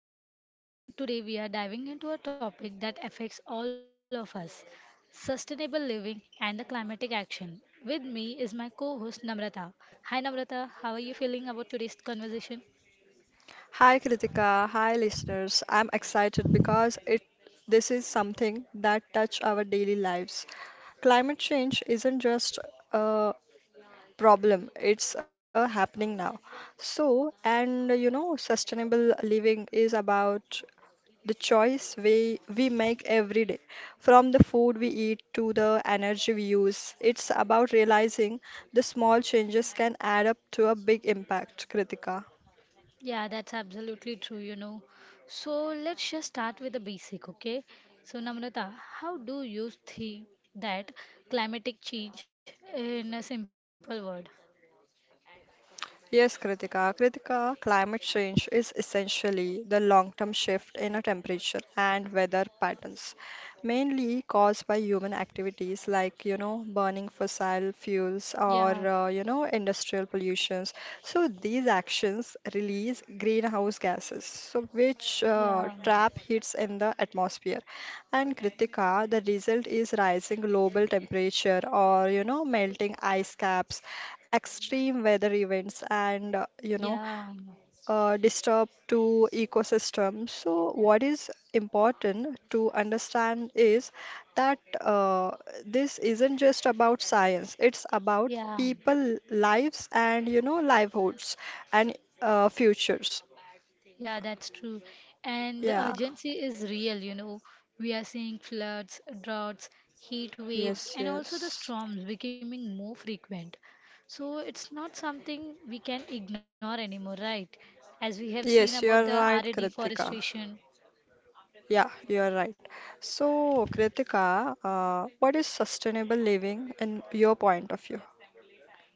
I'm Kritika, and today we are diving into a topic that affects all of us sustainable living and the climatic action. With me is my co host Namrata. Hi Namrata, how are you feeling about today's conversation? Hi Kritika, hi listeners. I'm excited because it this is something that touch our daily lives. Climate change isn't just a problem, it's a happening now. Sustainable living is about the choice we make every day. From the food we eat to the energy we use, it's about realizing the small changes can add up to a big impact, Kritika. Yeah, that's absolutely true, you know. So let's just start with the basic, okay? So, Namrata, how do you think that climatic change in a simple word? Yes, Kritika. Kritika, climate change is essentially the long-term shift in a temperature and weather patterns, mainly caused by human activities burning fossil fuels or, Yeah, industrial pollutions. So these actions release greenhouse gases, so which yeah. uh, trap heats in the atmosphere. And Kritika, the result is rising global temperature or you know melting ice caps, extreme weather events, and Yeah, disturb to ecosystem. So what is important to understand is that this isn't just about science. It's about yeah, people lives and you know livelihoods and futures. yeah, that's true. And the Yeah. urgency is real, you know. We are seeing floods, droughts, heat waves, and Yes. also the Yes. storms becoming more frequent. So it's not something we can ignore anymore, right? As we have seen about Yes, the you are RA right, Kritika. deforestation. Yeah, you are right. So, Kritika, what is sustainable living in your point of view?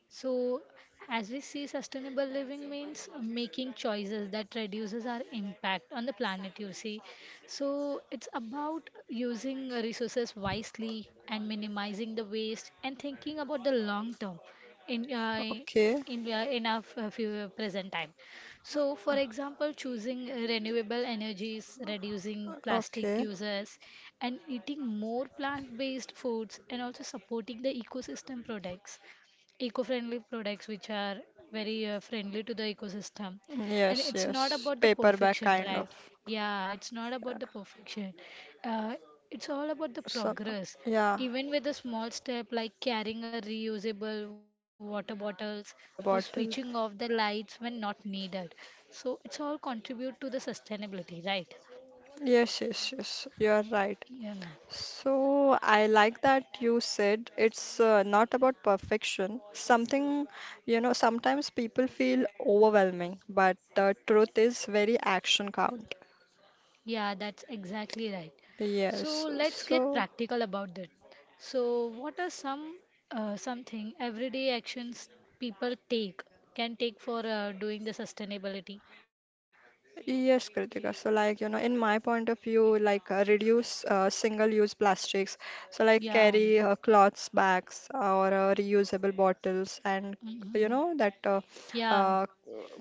So, as we see, sustainable living means making choices that reduces our impact on the planet, you see. So, it's about using resources wisely and minimizing the waste and thinking about the long term in uh, Okay, in our f- few- present time. So, for example, choosing renewable energies, reducing plastic okay. uses, and eating more plant-based foods, and also supporting the ecosystem products eco-friendly products which are very friendly to the ecosystem and Yes, it's not yes. about the Paperback perfection kind of. right yeah it's not Yeah. about the perfection uh, it's all about the So, progress yeah, even with a small step like carrying a reusable water bottles or water switching off bottle. the lights when not needed so it's all contribute to the sustainability right Yes, yes, yes. You're right. yeah. So I like that you said it's not about perfection. Something, you know, sometimes people feel overwhelming, but the truth is very action count. Yeah, that's exactly right. So Yes. let's get So. practical about that. So, what are some something everyday actions people take can take for doing the sustainability? Yes, Kritika. In my point of view, reduce single-use plastics. So, like, Yeah, carry cloths, bags, or reusable bottles, and you hmm know that yeah, uh,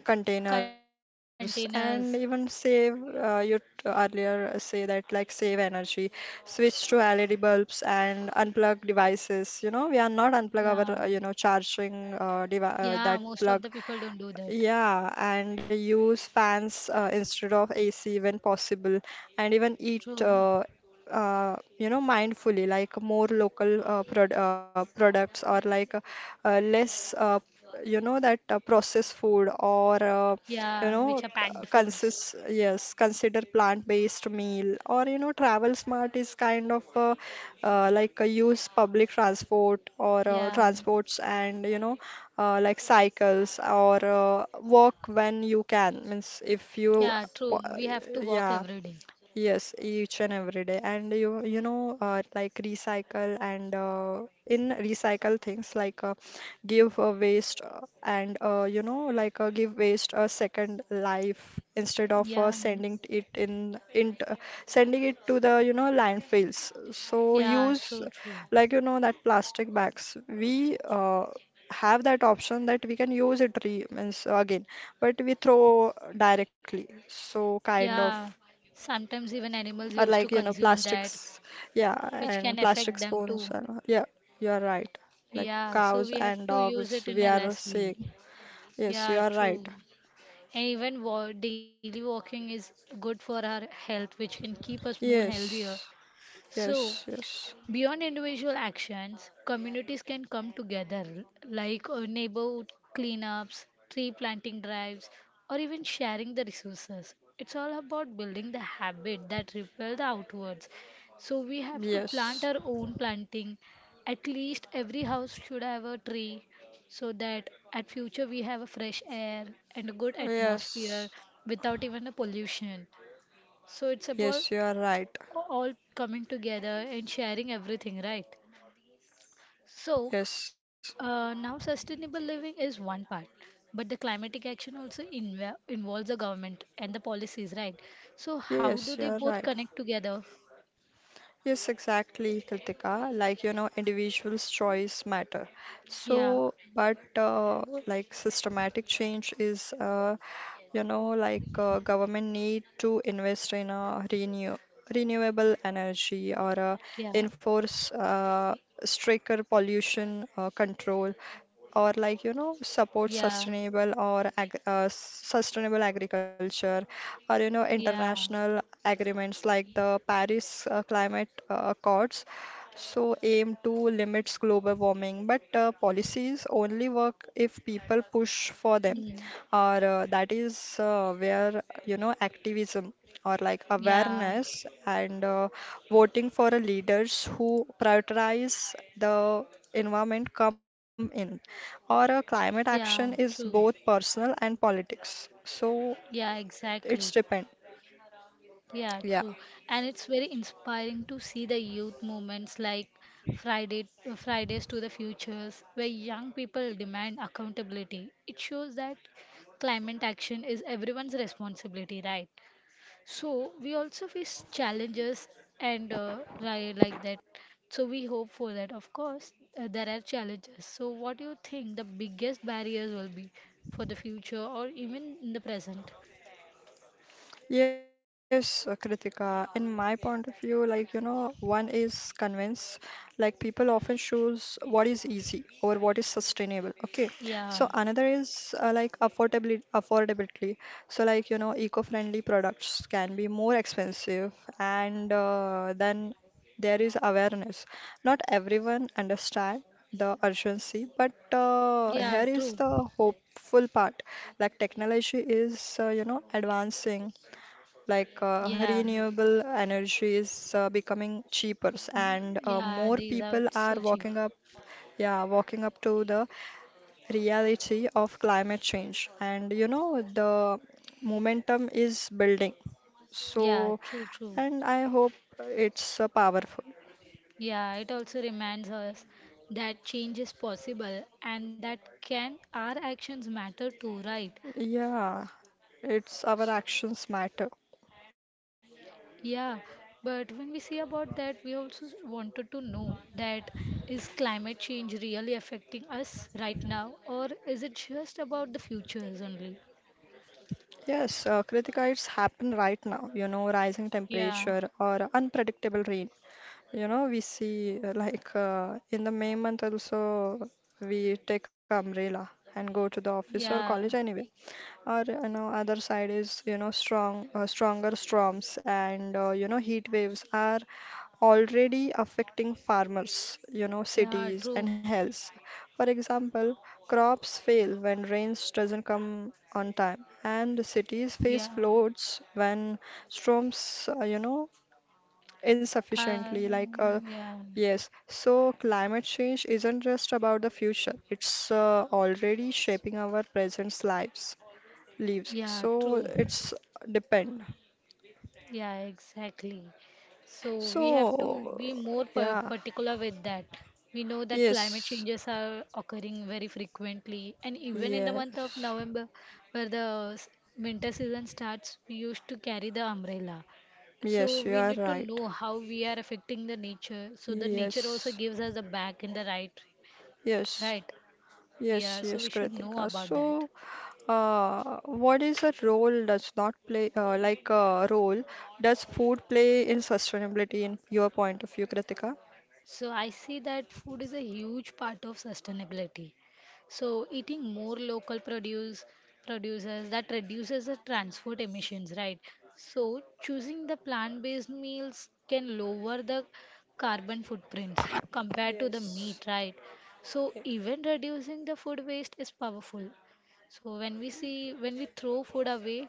containers, and containers. even save. Earlier say that like save energy, switch to LED bulbs, and unplug devices. You know, we are not unplug Yeah, our charging yeah. That Most of the plug people don't do that. yeah, and use fans instead of AC when possible, and even eat True. You know mindfully like more local products or less you know that processed food or Yeah, you which are know packed c- foods. consist yes consider plant-based meal or you know travel smart is kind of use public transport or Yeah, transports and you know like cycles or work when you can means if yeah. you True. po- We have to walk yeah. every day. Yes, each and every day. And you know like recycle and in recycle things give a waste and you know like give waste a second life instead of Yeah, sending it to the you know landfills. So yeah. use True. like you know that plastic bags. We have that option that we can use it re means again, but we throw directly. So kind of. Yeah, sometimes even animals Or used like, to you know, consume that, plastics, yeah, which and can plastic affect them spoons too. and yeah, you are right. Like Yeah, so cows we have and to use dogs, it in we a are less way. seeing. Yes, you Yeah, are right. true. And even daily walking is good for our health, which can keep us more healthier. Yes, So yes, yes, beyond individual actions, communities can come together, like neighborhood cleanups, tree planting drives, or even sharing the resources. It's all about building the habit that repel the outwards. So we have to plant yes, our own planting. At least every house should have a tree, so that at future we have a fresh air and a good atmosphere yes, without even a pollution. So it's about yes, you are right. all coming together and sharing everything, right? So, Yes, uh, now sustainable living is one part, but the climatic action also involves the government and the policies, right? So, how do yes, you they are both right. connect together? Yes, exactly, Kritika. Like, you know, individuals' choice matter. Yeah, So, but Like systematic change is, government need to invest in a renewable energy or yeah, enforce stricter pollution control or like you know support yeah, sustainable or ag sustainable agriculture or you know yeah, international agreements like the Paris Climate Accords so aim to limits global warming but policies only work if people push for them mm, or that is where you know activism or like yeah, awareness and voting for a leaders who prioritize the environment come in or a climate yeah, action true. is both personal and politics. So Yeah, exactly. it's depend. Yeah, Yeah. true. And it's very inspiring to see the youth movements like Friday, Fridays to the Futures, where young people demand accountability. It shows that climate action is everyone's responsibility, right? So we also face challenges and right like that. So we hope for that. Of course, there are challenges. So what do you think the biggest barriers will be for the future or even in the present? Yes, Kritika, in my point of view, like, you know, one is convinced, like, people often choose what is easy or what is sustainable. Okay. Yeah, So, another is like affordability. So, like, you know, eco-friendly products can be more expensive, and then there is awareness. Not everyone understand the urgency, but yeah, here true. is the hopeful part. Like technology is, you know, advancing, Yeah, renewable energy is becoming cheaper mm, and yeah, more these are people are so cheap. walking up yeah walking up to the reality of climate change and you know the momentum is building so Yeah, true. and I hope it's powerful Yeah, it also reminds us that change is possible and that can our actions matter too, right? yeah it's our actions matter. Yeah, but when we see about that, we also wanted to know that is climate change really affecting us right now, or is it just about the futures only? Yes, Kritika, it's happened right now, you know, rising Yeah, temperature or unpredictable rain. You know, we see in the May month also we take umbrella and go to the office or college yeah, anyway. Or you know, other side is you know stronger storms and you know heat waves are already affecting farmers, you know, yeah, cities true. and health. For example, crops fail when rains doesn't come on time, and cities face Yeah, floods when storms, insufficiently yeah. yes so climate change isn't just about the future it's already shaping our present lives Yeah, so true. it's depend Yeah, exactly. So we have to be so more yeah particular with that. We know that climate yes changes are occurring very frequently, and even in the month of yes November, where the winter season starts, we used to carry the umbrella. So yes you we are need to right know how we are affecting the nature. So the nature also yes gives us a back in the right, yes right? yes Yeah, so yes we should know Kritika about so that. What is a role does not play, like a role does food play in sustainability in your point of view, Kritika? So I see that food is a huge part of sustainability. So eating more local producers that reduces the transport emissions, right? So choosing the plant-based meals can lower the carbon footprints compared to the Yes. meat, right? So Yeah. even reducing the food waste is powerful. So when we see when we throw food away,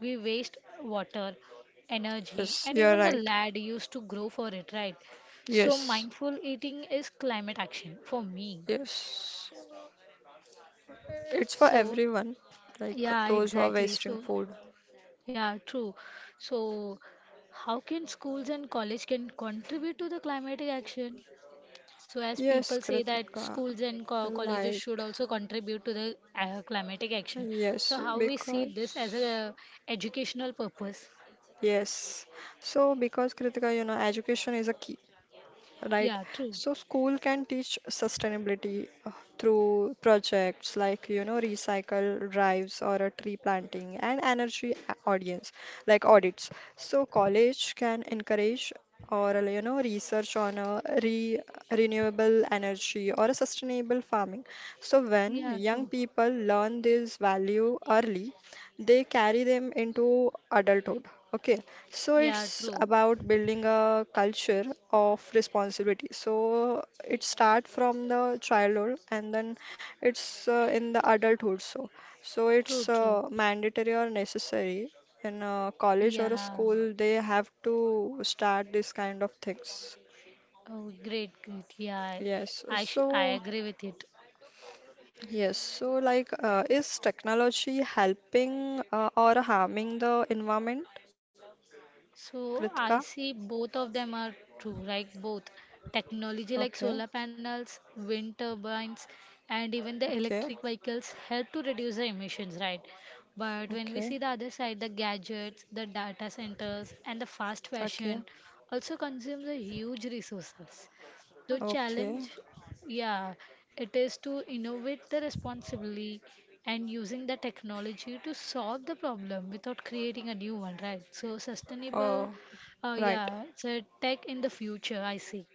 we waste water, energy, Yes, and you're even the right. land used to grow for it, right? So, Yes, mindful eating is climate action for me. yes. It's for So, everyone, like yeah, those who are exactly. wasting So, food. yeah, true. So, how can schools and college can contribute to the climatic action? So, as Yes, people say that Kritika. schools and co colleges Like, should also contribute to the climatic action. yes, So, how we see this as because, a educational purpose? yes. So, because Kritika, you know, education is a key. Right? Yeah, true. So school can teach sustainability through projects like, you know, recycle drives or a tree planting and energy a- audience like audits. So college can encourage or, you know, research on a re renewable energy or a sustainable farming. So when Yeah, young true. people learn this value early, they carry them into adulthood. Okay, so Yeah, it's true. about building a culture of responsibility. So it starts from the childhood and then it's in the adulthood. So so True, it's true. Mandatory or necessary in a college or a Yeah. school. They have to start this kind of things. Oh, great. Yeah, I, Yes. I, sh- I So agree with it. yes. Is technology helping or harming the environment, So I Kritika? see both of them are true, like both technology like Okay. solar panels, wind turbines, and even the Okay. electric vehicles help to reduce the emissions, right? But when we Okay. see the other side, the gadgets, the data centers, and the fast Okay. fashion also consumes a huge resources. The Okay. challenge, yeah, it is to innovate the responsibly and using the technology to solve the problem without creating a new one, right? So Oh, right, yeah, it's a tech in the future, I see.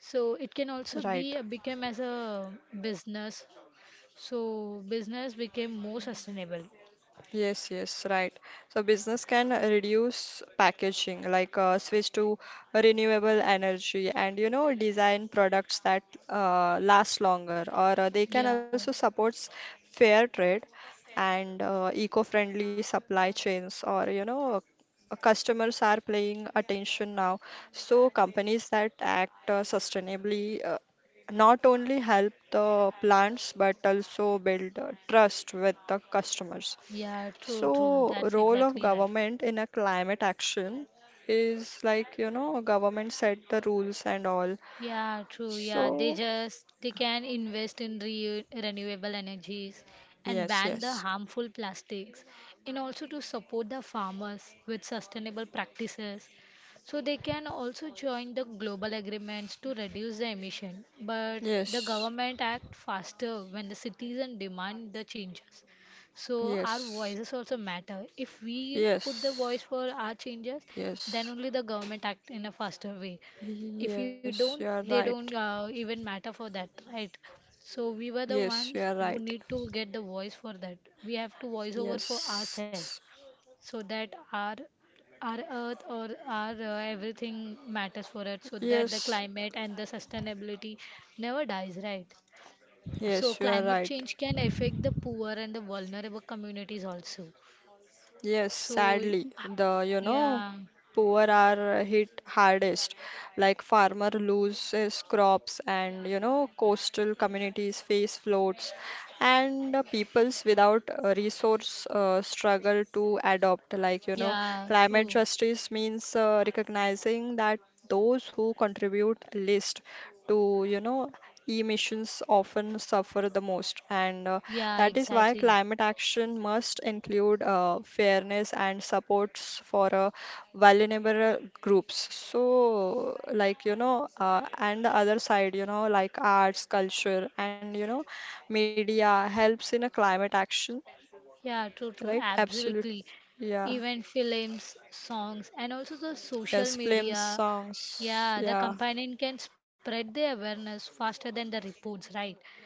So it can also right. be become as a business. So business became more sustainable. Yes, yes, right. So business can reduce packaging, switch to renewable energy and you know design products that last longer, or they can Yeah, also supports fair trade and eco-friendly supply chains, or you know customers are paying attention now. So companies that act sustainably not only help the plants but also build trust with the customers. yeah, true. So, That's role of exactly right. government in a climate action is like, you know, government set the rules and all. Yeah, true. Yeah, they So, just they can invest in re renewable energies and yes, ban the yes, harmful plastics, and also to support the farmers with sustainable practices. So they can also join the global agreements to reduce the emission. But the yes, government act faster when the citizens demand the changes. So our yes, voices also matter. If we put the voice yes, for our changes, then only yes, the government act in a faster way if you yes, don't you are they don't right. Even matter for that right so we were the Yes, ones you are who right. need to get the voice for that we have to voice over for ourselves Yes, so that our earth or our everything matters for it so that the yes, climate and the sustainability never dies right so yes, you are climate right. change can affect the poor and the vulnerable communities also Yes, so sadly, the you know yeah poor are hit hardest. Like farmer loses crops, and you know coastal communities face floods, and peoples without resource struggle to adopt like you know yeah climate true justice means recognizing that those who contribute least to you know emissions often suffer the most and yeah that is why exactly. climate action must include fairness and supports for vulnerable groups so like you know and the other side you know like arts culture and you know media helps in a climate action, Yeah, true, right? Absolute. absolutely. Yeah. Even films, songs, and also the social Yes. Films, media. songs. Yeah, the Yeah. companion can spread the awareness faster than the reports, right?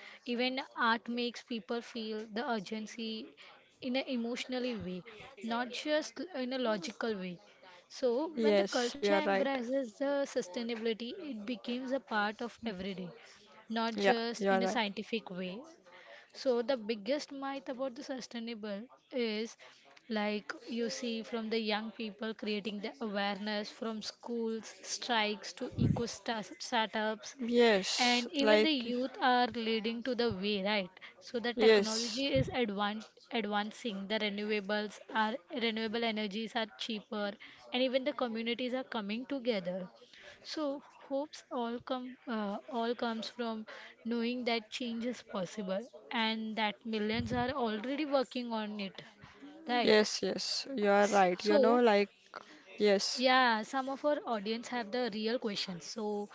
Even art makes people feel the urgency in an emotionally way, not just in a logical way. So, when the Yes. culture You're right. embraces the sustainability, it becomes a part of everyday, not Yeah. just You're in a right. scientific way. So the biggest myth about the sustainable is like you see from the young people creating the awareness from schools, strikes to eco startups Yes. and even the Like. youth are leading to the way, right? So the Yes. technology is advancing. The renewables are renewable energies are cheaper, and even the communities are coming together. So hopes all come all comes from knowing that change is possible and that millions are already working on it, right? Yes. Yes. You're right. You know. So Like. Yes. yeah, some of our audience have the real questions. So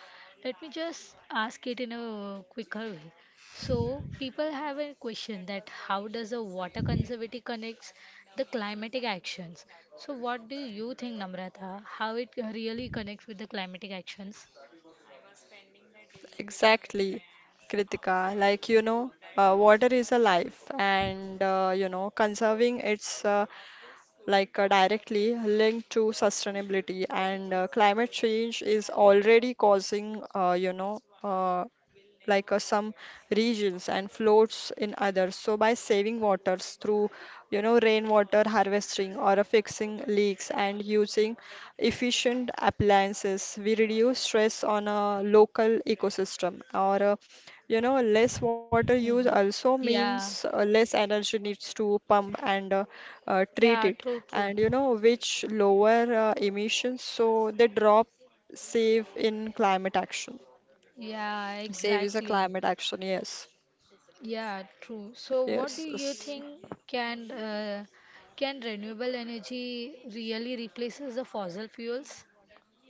let me just ask it in a quicker way. So people have a question that how does a water conservancy connects the climatic actions? So what do you think, Namrata? How it really connects with the climatic actions? Exactly. Kritika. Like you know. Water is a life, and you know conserving its directly linked to sustainability and climate change is already causing some regions and floats in others. So by saving waters through, you know, rainwater harvesting or fixing leaks and using efficient appliances, we reduce stress on a local ecosystem or you know less water Hmm. use also Yeah. means less energy needs to pump and Yeah, treat it true, true. and you know which lower emissions so they drop save in climate action. Yeah, Save is a exactly. climate action. Yes. Yeah, true. So, what do Yes. you Yes. think can uh, can renewable energy really replaces the fossil fuels?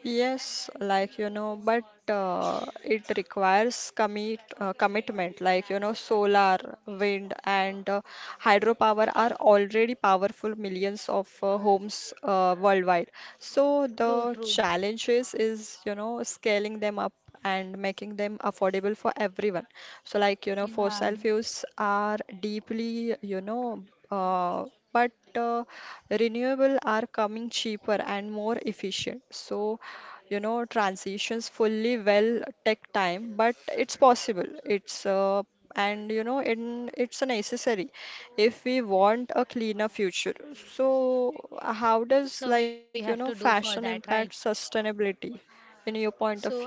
Yes, like you know, but it requires commitment. Like you know, solar, wind, and hydropower are already powerful millions of homes worldwide. So True, the true. challenges is you know scaling them up and making them affordable for everyone. So like you know, Yeah. fossil fuels are deeply you know, uh, but renewable are coming cheaper and more efficient. So you know, transitions fully well take time, but it's possible. It's and you know, in it's a necessary if we want a cleaner future. So, how does So we like you have know, to do for fashion that, impact right? sustainability in your point of So, uh, view?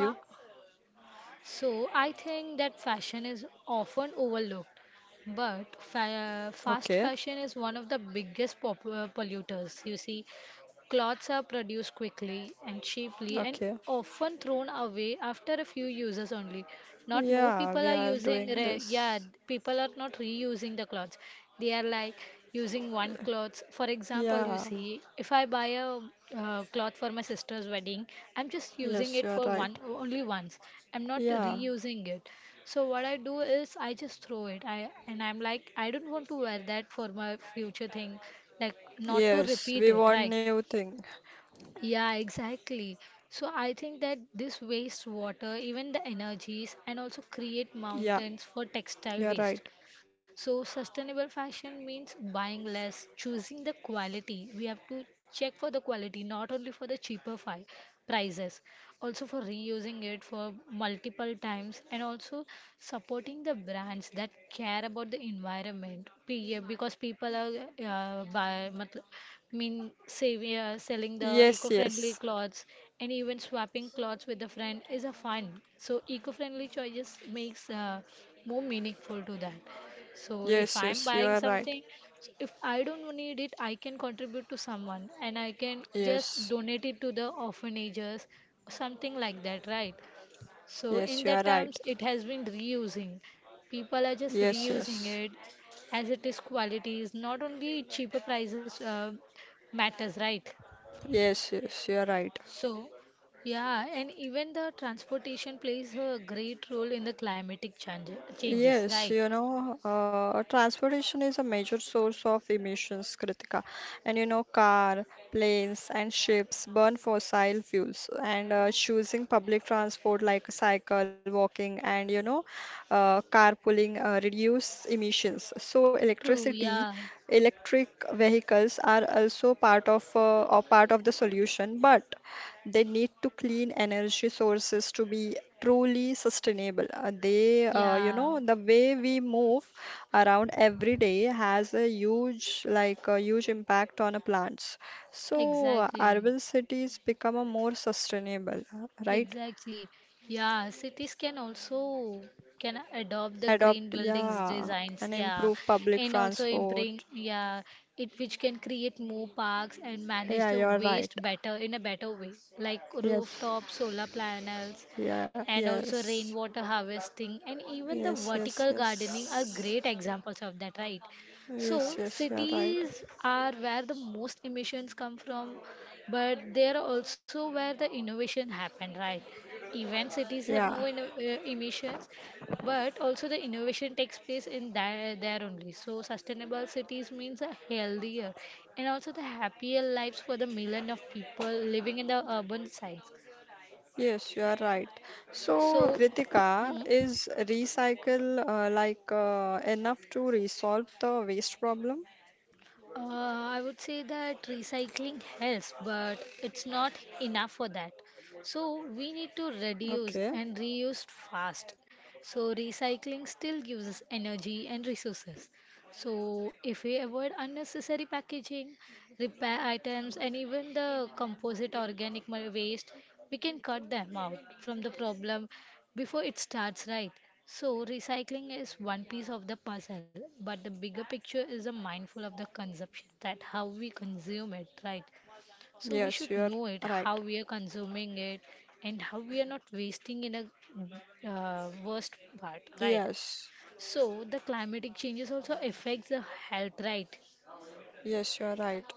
so I think that fashion is often overlooked, but fa fast Okay, fashion is one of the biggest pop polluters. You see, cloths are produced quickly and cheaply and okay. often thrown away after a few uses only. Not more Yeah, people we are are using, doing yeah, this. people are not reusing the cloths. They are like using one cloth. For example, you Yeah, see, if I buy a cloth for my sister's wedding, I'm just using yes, it you are for right. one only once. I'm not Yeah, reusing it. So what I do is I just throw it. I'm like I don't want to wear that for my future thing, like not to yes, repeat we it, want right? new thing. Yeah, exactly. So I think that this waste water, even the energies, and also create Yeah, mountains for you textile are right. waste. So, sustainable fashion means buying less, choosing the quality. We have to check for the quality, not only for the cheaper prices, also for reusing it for multiple times, and also supporting the brands that care about the environment. Yeah, because people are buy, matl- mean saving, selling the Yes, eco-friendly yes, clothes and even swapping clothes with a friend is a fun. So eco-friendly choices makes more meaningful to that. So if yes, I'm yes, you buying are right. something, if I don't need it, I can contribute to someone and I can just Yes, donate it to the orphanages, something like that, right? So in yes, you that are terms, right. it has been reusing. People are just Yes, reusing yes, it as it is qualities, not only cheaper prices matters, right? yes, yes, you are right. So, yeah, and even the transportation plays a great role in the climatic changes, right? Yes, you know, transportation is a major source of emissions, Kritika. And you know, car, planes, and ships burn fossil fuels. And Choosing public transport like cycle, walking, and carpooling reduce emissions. True, yeah, Electric vehicles are also part of or part of the solution, but they need to clean energy sources to be truly sustainable. Yeah. The way we move around every day has a huge impact on a plants. So Exactly, urban cities become a more sustainable, right? exactly. Yeah, cities can also can adopt the green Adopt, buildings yeah, designs, and yeah, improve public and also improve, transport. yeah, it which can create more parks and manage Yeah, the you're right. waste better in a better way, like Yes. rooftop solar panels Yeah, and also yes. rainwater harvesting and even the Yes, yes, vertical gardening are yes. great examples of that, right? Yes, So yes, you are right. cities are where the most emissions come from, but there are also where the innovation happened, right? Even cities have Yeah. more emissions, but also the innovation takes place in there only. So sustainable cities means a healthier and also the happier lives for the million of people living in the urban sites. Yes, you are right. So, So, Kritika, hmm? is recycle enough to resolve the waste problem? I would say that recycling helps, but it's not enough for that. So we need to reduce Okay. and reuse fast. So recycling still gives us energy and resources. So if we avoid unnecessary packaging, repair items, and even the composite organic waste, we can cut them out from the problem before it starts, right? So, recycling is one piece of the puzzle, but the bigger picture is a mindful of the consumption, that how we consume it, right? So, we Yes, should you are know it, right. how we are consuming it, and how we are not wasting in a worst part, right? Yes. So, the climatic changes also affects the health, right? Yes, you are right.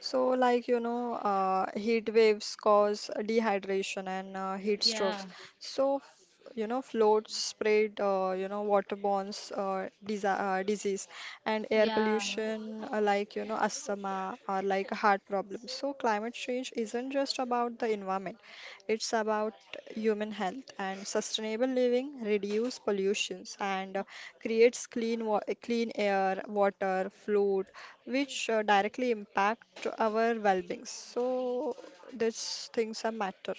So, like, you know, heat waves cause dehydration and heat Yeah, strokes. So, you know, floats spread, you know, waterborne disa disease and air yeah. pollution, like, you know, asthma or like heart problems. So, climate change isn't just about the environment, it's about human health and sustainable living, reduce pollutions and creates clean air, water, food which directly impact our well-being. So these things are matter.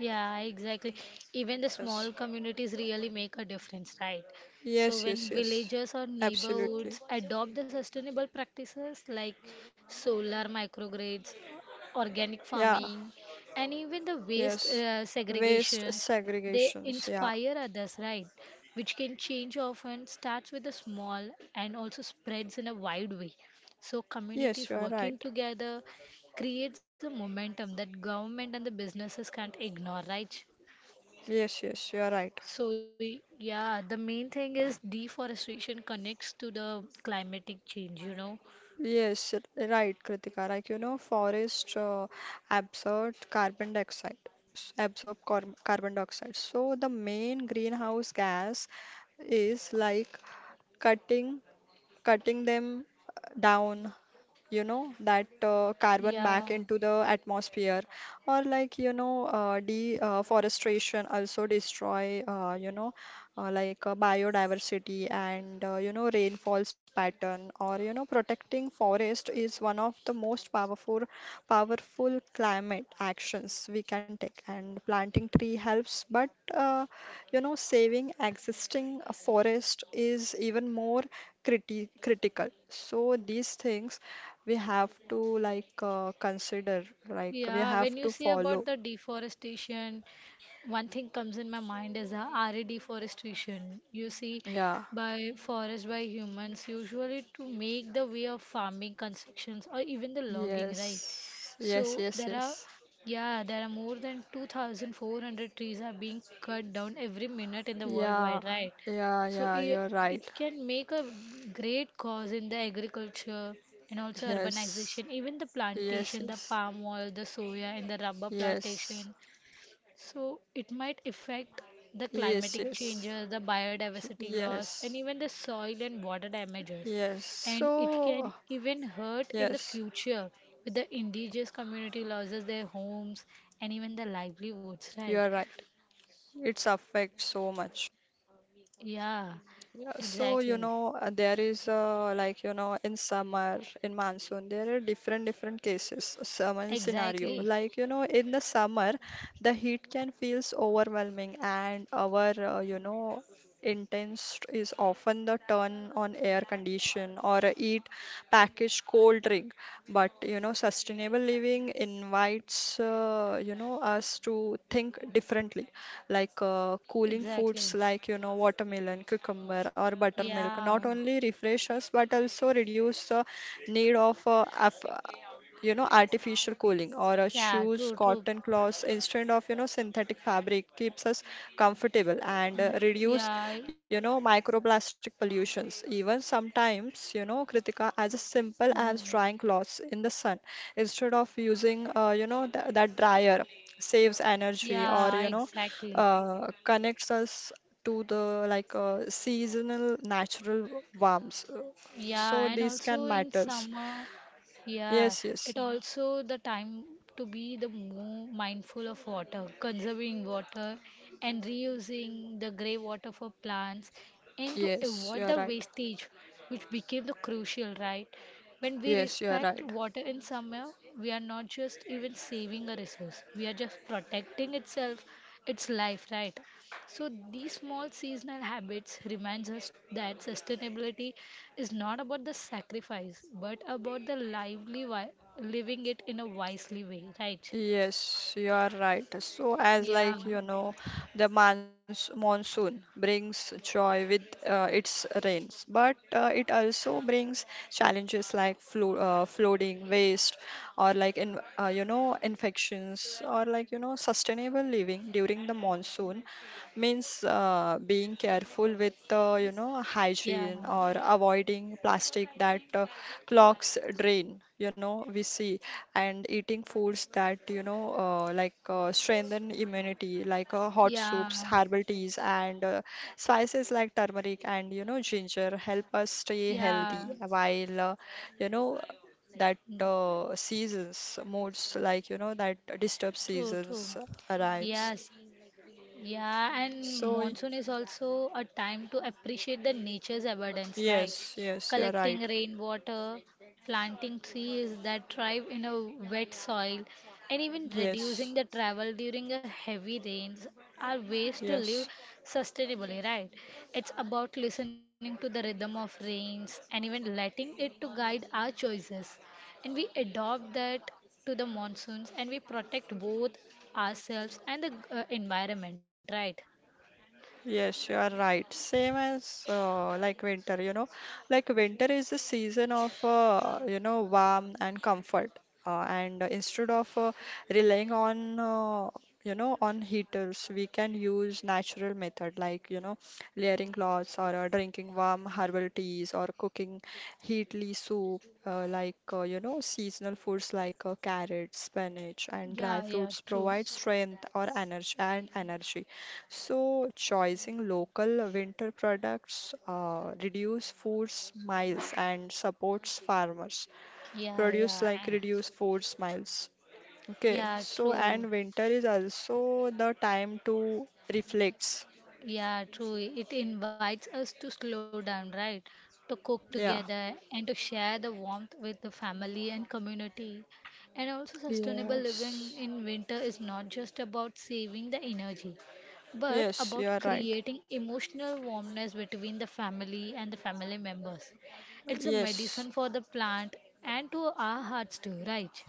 Yeah, exactly. Even the Yes. small communities really make a difference, right? So Yes, when yes, yes. villages or Absolutely. neighborhoods adopt the sustainable practices like solar microgrids, organic Yeah. farming, and even the waste Yes. Waste segregations, they segregations. Yeah. inspire others, right? Which can change often starts with a small and also spreads in a wide way. So Yes, communities you are working right. together creates a momentum that government and the businesses can't ignore, right? Yes, yes, you are right. So yeah, the main thing is deforestation connects to the climatic change, you know. Yes, right, Kritika. Like, you know, forest absorb carbon dioxide, s- absorb car carbon dioxide. So the main greenhouse gas is like cutting cutting them down, you know, that carbon back Yeah. into the atmosphere, or like you know deforestation also destroy you know biodiversity and you know rainfalls pattern, or you know protecting forest is one of the most powerful climate actions we can take, and planting tree helps, but you know saving existing forest is even more critical. So these things we have to consider, like we Yeah, when have you to see about follow. the deforestation, one thing comes in my mind is RE deforestation. You see, Yeah, by forest by humans, usually to make the way of farming, constructions, or even the logging, yes, right? yes, So yes, there yes. are, yeah, there are more than 2,400 trees are being cut down every minute in the Yeah, worldwide, right? yeah, So yeah, it, you're right. it can make a great cause in the agriculture and also Yes, urbanization, even the yes, plantation, the yes, palm oil, the soya, and the rubber yes. plantation so it might affect the Yes, climatic yes, changes, the biodiversity loss, and yes, even the soil and water damages. yes. And it can So even hurt in the yes, future with the indigenous community loses their homes and even the livelihoods, right? you're right. It's affect so much. Yeah, Yeah, so you exactly. know there is, in summer, in monsoon there are different different cases. Summer scenario, Exactly. like you know in the summer the heat can feels overwhelming, and our intense is often the turn on air condition or eat packaged cold drink. But you know sustainable living invites you know us to think differently, like cooling foods Exactly. like you know watermelon, cucumber, or buttermilk Yeah. not only refresh us but also reduce the need of you know artificial cooling, or Yeah, shoes, true, true. cotton cloths instead of you know synthetic fabric keeps us comfortable and Mm, reduce yeah. you know microplastic pollutions. Even sometimes you know Kritika, as simple as Yeah. drying clothes in the sun instead of using that dryer saves energy, or Yeah, you know exactly. Connects us to the seasonal natural warmth. Yeah, So and this also can in matters. summer, yeah, Yes, yes, it also the time to be the more mindful of water, conserving water and reusing the grey water for plants and to yes. avoid You are the right. wastage which became the crucial, right? When we Yes, you are respect right. water in summer, we are not just even saving a resource, we are just protecting itself, its life, right? So these small seasonal habits reminds us that sustainability is not about the sacrifice, but about the lively living it in a wisely way, right? Yes, you are right. So, as Yeah, like you know, the monsoon brings joy with its rains, but it also brings challenges like flooding, waste, or like in you know infections, or like you know sustainable living during the monsoon means being careful with you know yeah, hygiene, or avoiding plastic that clogs drain. You know, we see, and eating foods that you know strengthen immunity, like hot yeah, soups, herbal teas, and spices like turmeric and you know ginger help us stay yeah. healthy, while you know that Mm, seasons moods, like you know that disturbed true, true. seasons arrives. Yes, yeah, and So monsoon is also a time to appreciate the nature's abundance, right? yes, yes, you're Collecting right. rainwater, planting trees that thrive in a wet soil, and even reducing Yes, the travel during a heavy rains are ways to live yes. sustainably, right? It's about listening to the rhythm of rains and even letting it to guide our choices and we adopt that to the monsoons and we protect both ourselves and the environment, right? Yes, you are right. Same as winter, you know, like winter is the season of you know warmth and comfort, and instead of relying on you know on heaters, we can use natural method like you know layering cloths, or drinking warm herbal teas, or cooking heatly soup. You know seasonal foods like carrots, spinach, and dry Yeah, yeah, fruits true. provide strength or energy. So, choosing local winter products reduce food miles and supports farmers. Yeah, Produce yeah, like reduce food miles. Okay, yeah, so true. and winter is also the time to reflect. Yeah, true. It invites us to slow down, right? To cook Yeah. together and to share the warmth with the family and community. And also, sustainable Yes. living in winter is not just about saving the energy, but Yes, you about are right. creating emotional warmness between the family and the family members. It's a Yes. medicine for the plant and to our hearts too, right?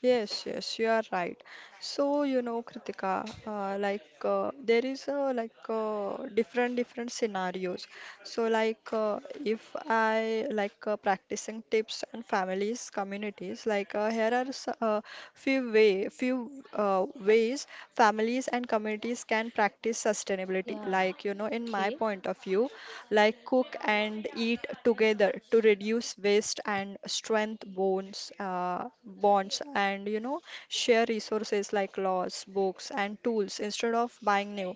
Yes, yes, you are right. So, you know, Kritika, there is different different scenarios. So, if I practicing tips and families communities, like here are few ways families and communities can practice sustainability. Yeah. Like you know, in my Okay. point of view, like cook and eat together to reduce waste and strengthen bonds, and you know, share resources like laws, books, and tools instead of buying new.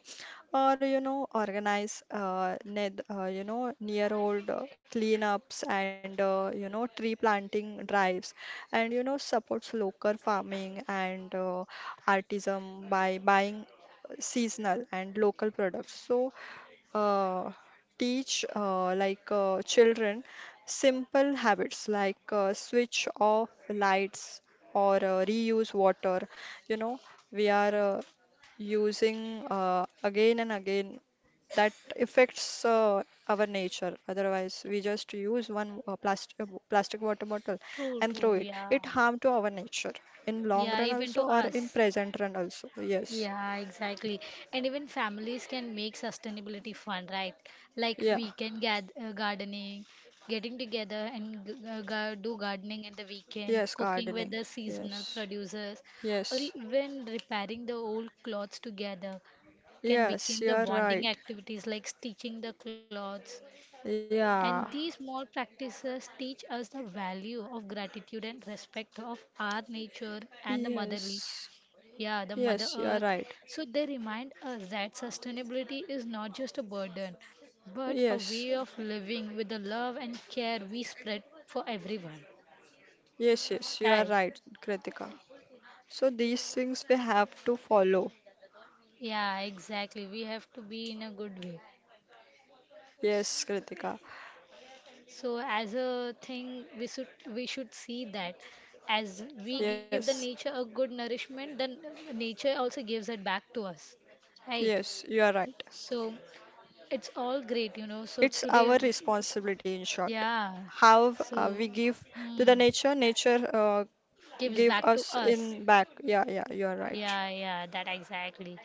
Or you know, organize ne you know near old cleanups and you know tree planting drives, and you know supports local farming and artisan, by buying seasonal and local products. So uh, teach children simple habits like switch off lights or reuse water. You know, we are using again and again, that affects our nature. Otherwise, we just use one plastic water bottle True, and throw true. it. Yeah. It harm to our nature in long Yeah, run even to also, or in us. present run also. Yes. Yeah, exactly. And even families can make sustainability fun, right? Like Yeah. weekend gardening, getting together and do gardening in the weekend, Yes, cooking with gardening. the seasonal Yes. producers, or Yes, even repairing the old clothes together can yes, become you the are right. bonding activities like stitching the clothes. Yeah, And these small practices teach us the value of gratitude and respect of our nature and the motherly yes, yeah, the Mother yes, you are Earth. right. So they remind us that sustainability is not just a burden, but a Yes, way of living with the love and care we spread for everyone. yes, yes, you are Right? right, Kritika. So these things we have to follow. Yeah, exactly. We have to be in a good way. Yes, Kritika. So as a thing, we should see that as we give the Yes, nature a good nourishment, then nature also gives it back to us. Right? yes, you are right. So it's all great, you know. So It's today our responsibility, in short. yeah. How So, we give to hmm, the nature, nature gives give back to us us. in back. Yeah, yeah, you are right. Yeah, yeah, that exactly.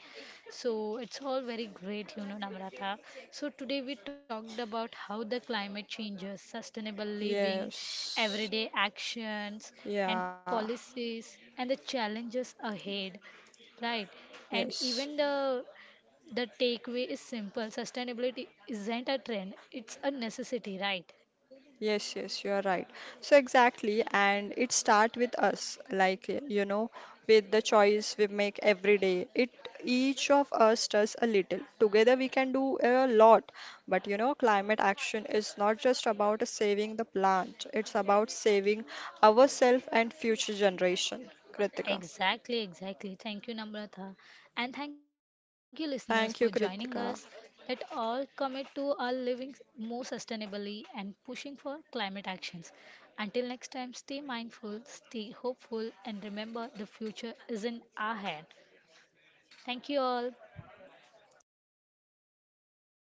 So it's all very great, you know, Namrata. So today we talked about how the climate changes, sustainable living, Yes, everyday actions and yeah, policies and the challenges ahead, right? And yes. even the takeaway is simple. Sustainability isn't a trend, it's a necessity, right? Yes, yes, you are right. So exactly, and it start with us, like you know, with the choice we make every day. It each of us does a little. Together we can do a lot. But you know, climate action is not just about saving the plant. It's about saving ourselves and future generation. Kritika. Exactly, exactly. Thank you, Namrata. And thank you, listeners, for joining Thank you, us. Let Kritika. all commit to our living more sustainably and pushing for climate actions. Until next time, stay mindful, stay hopeful, and remember the future is in our hand. Thank you all.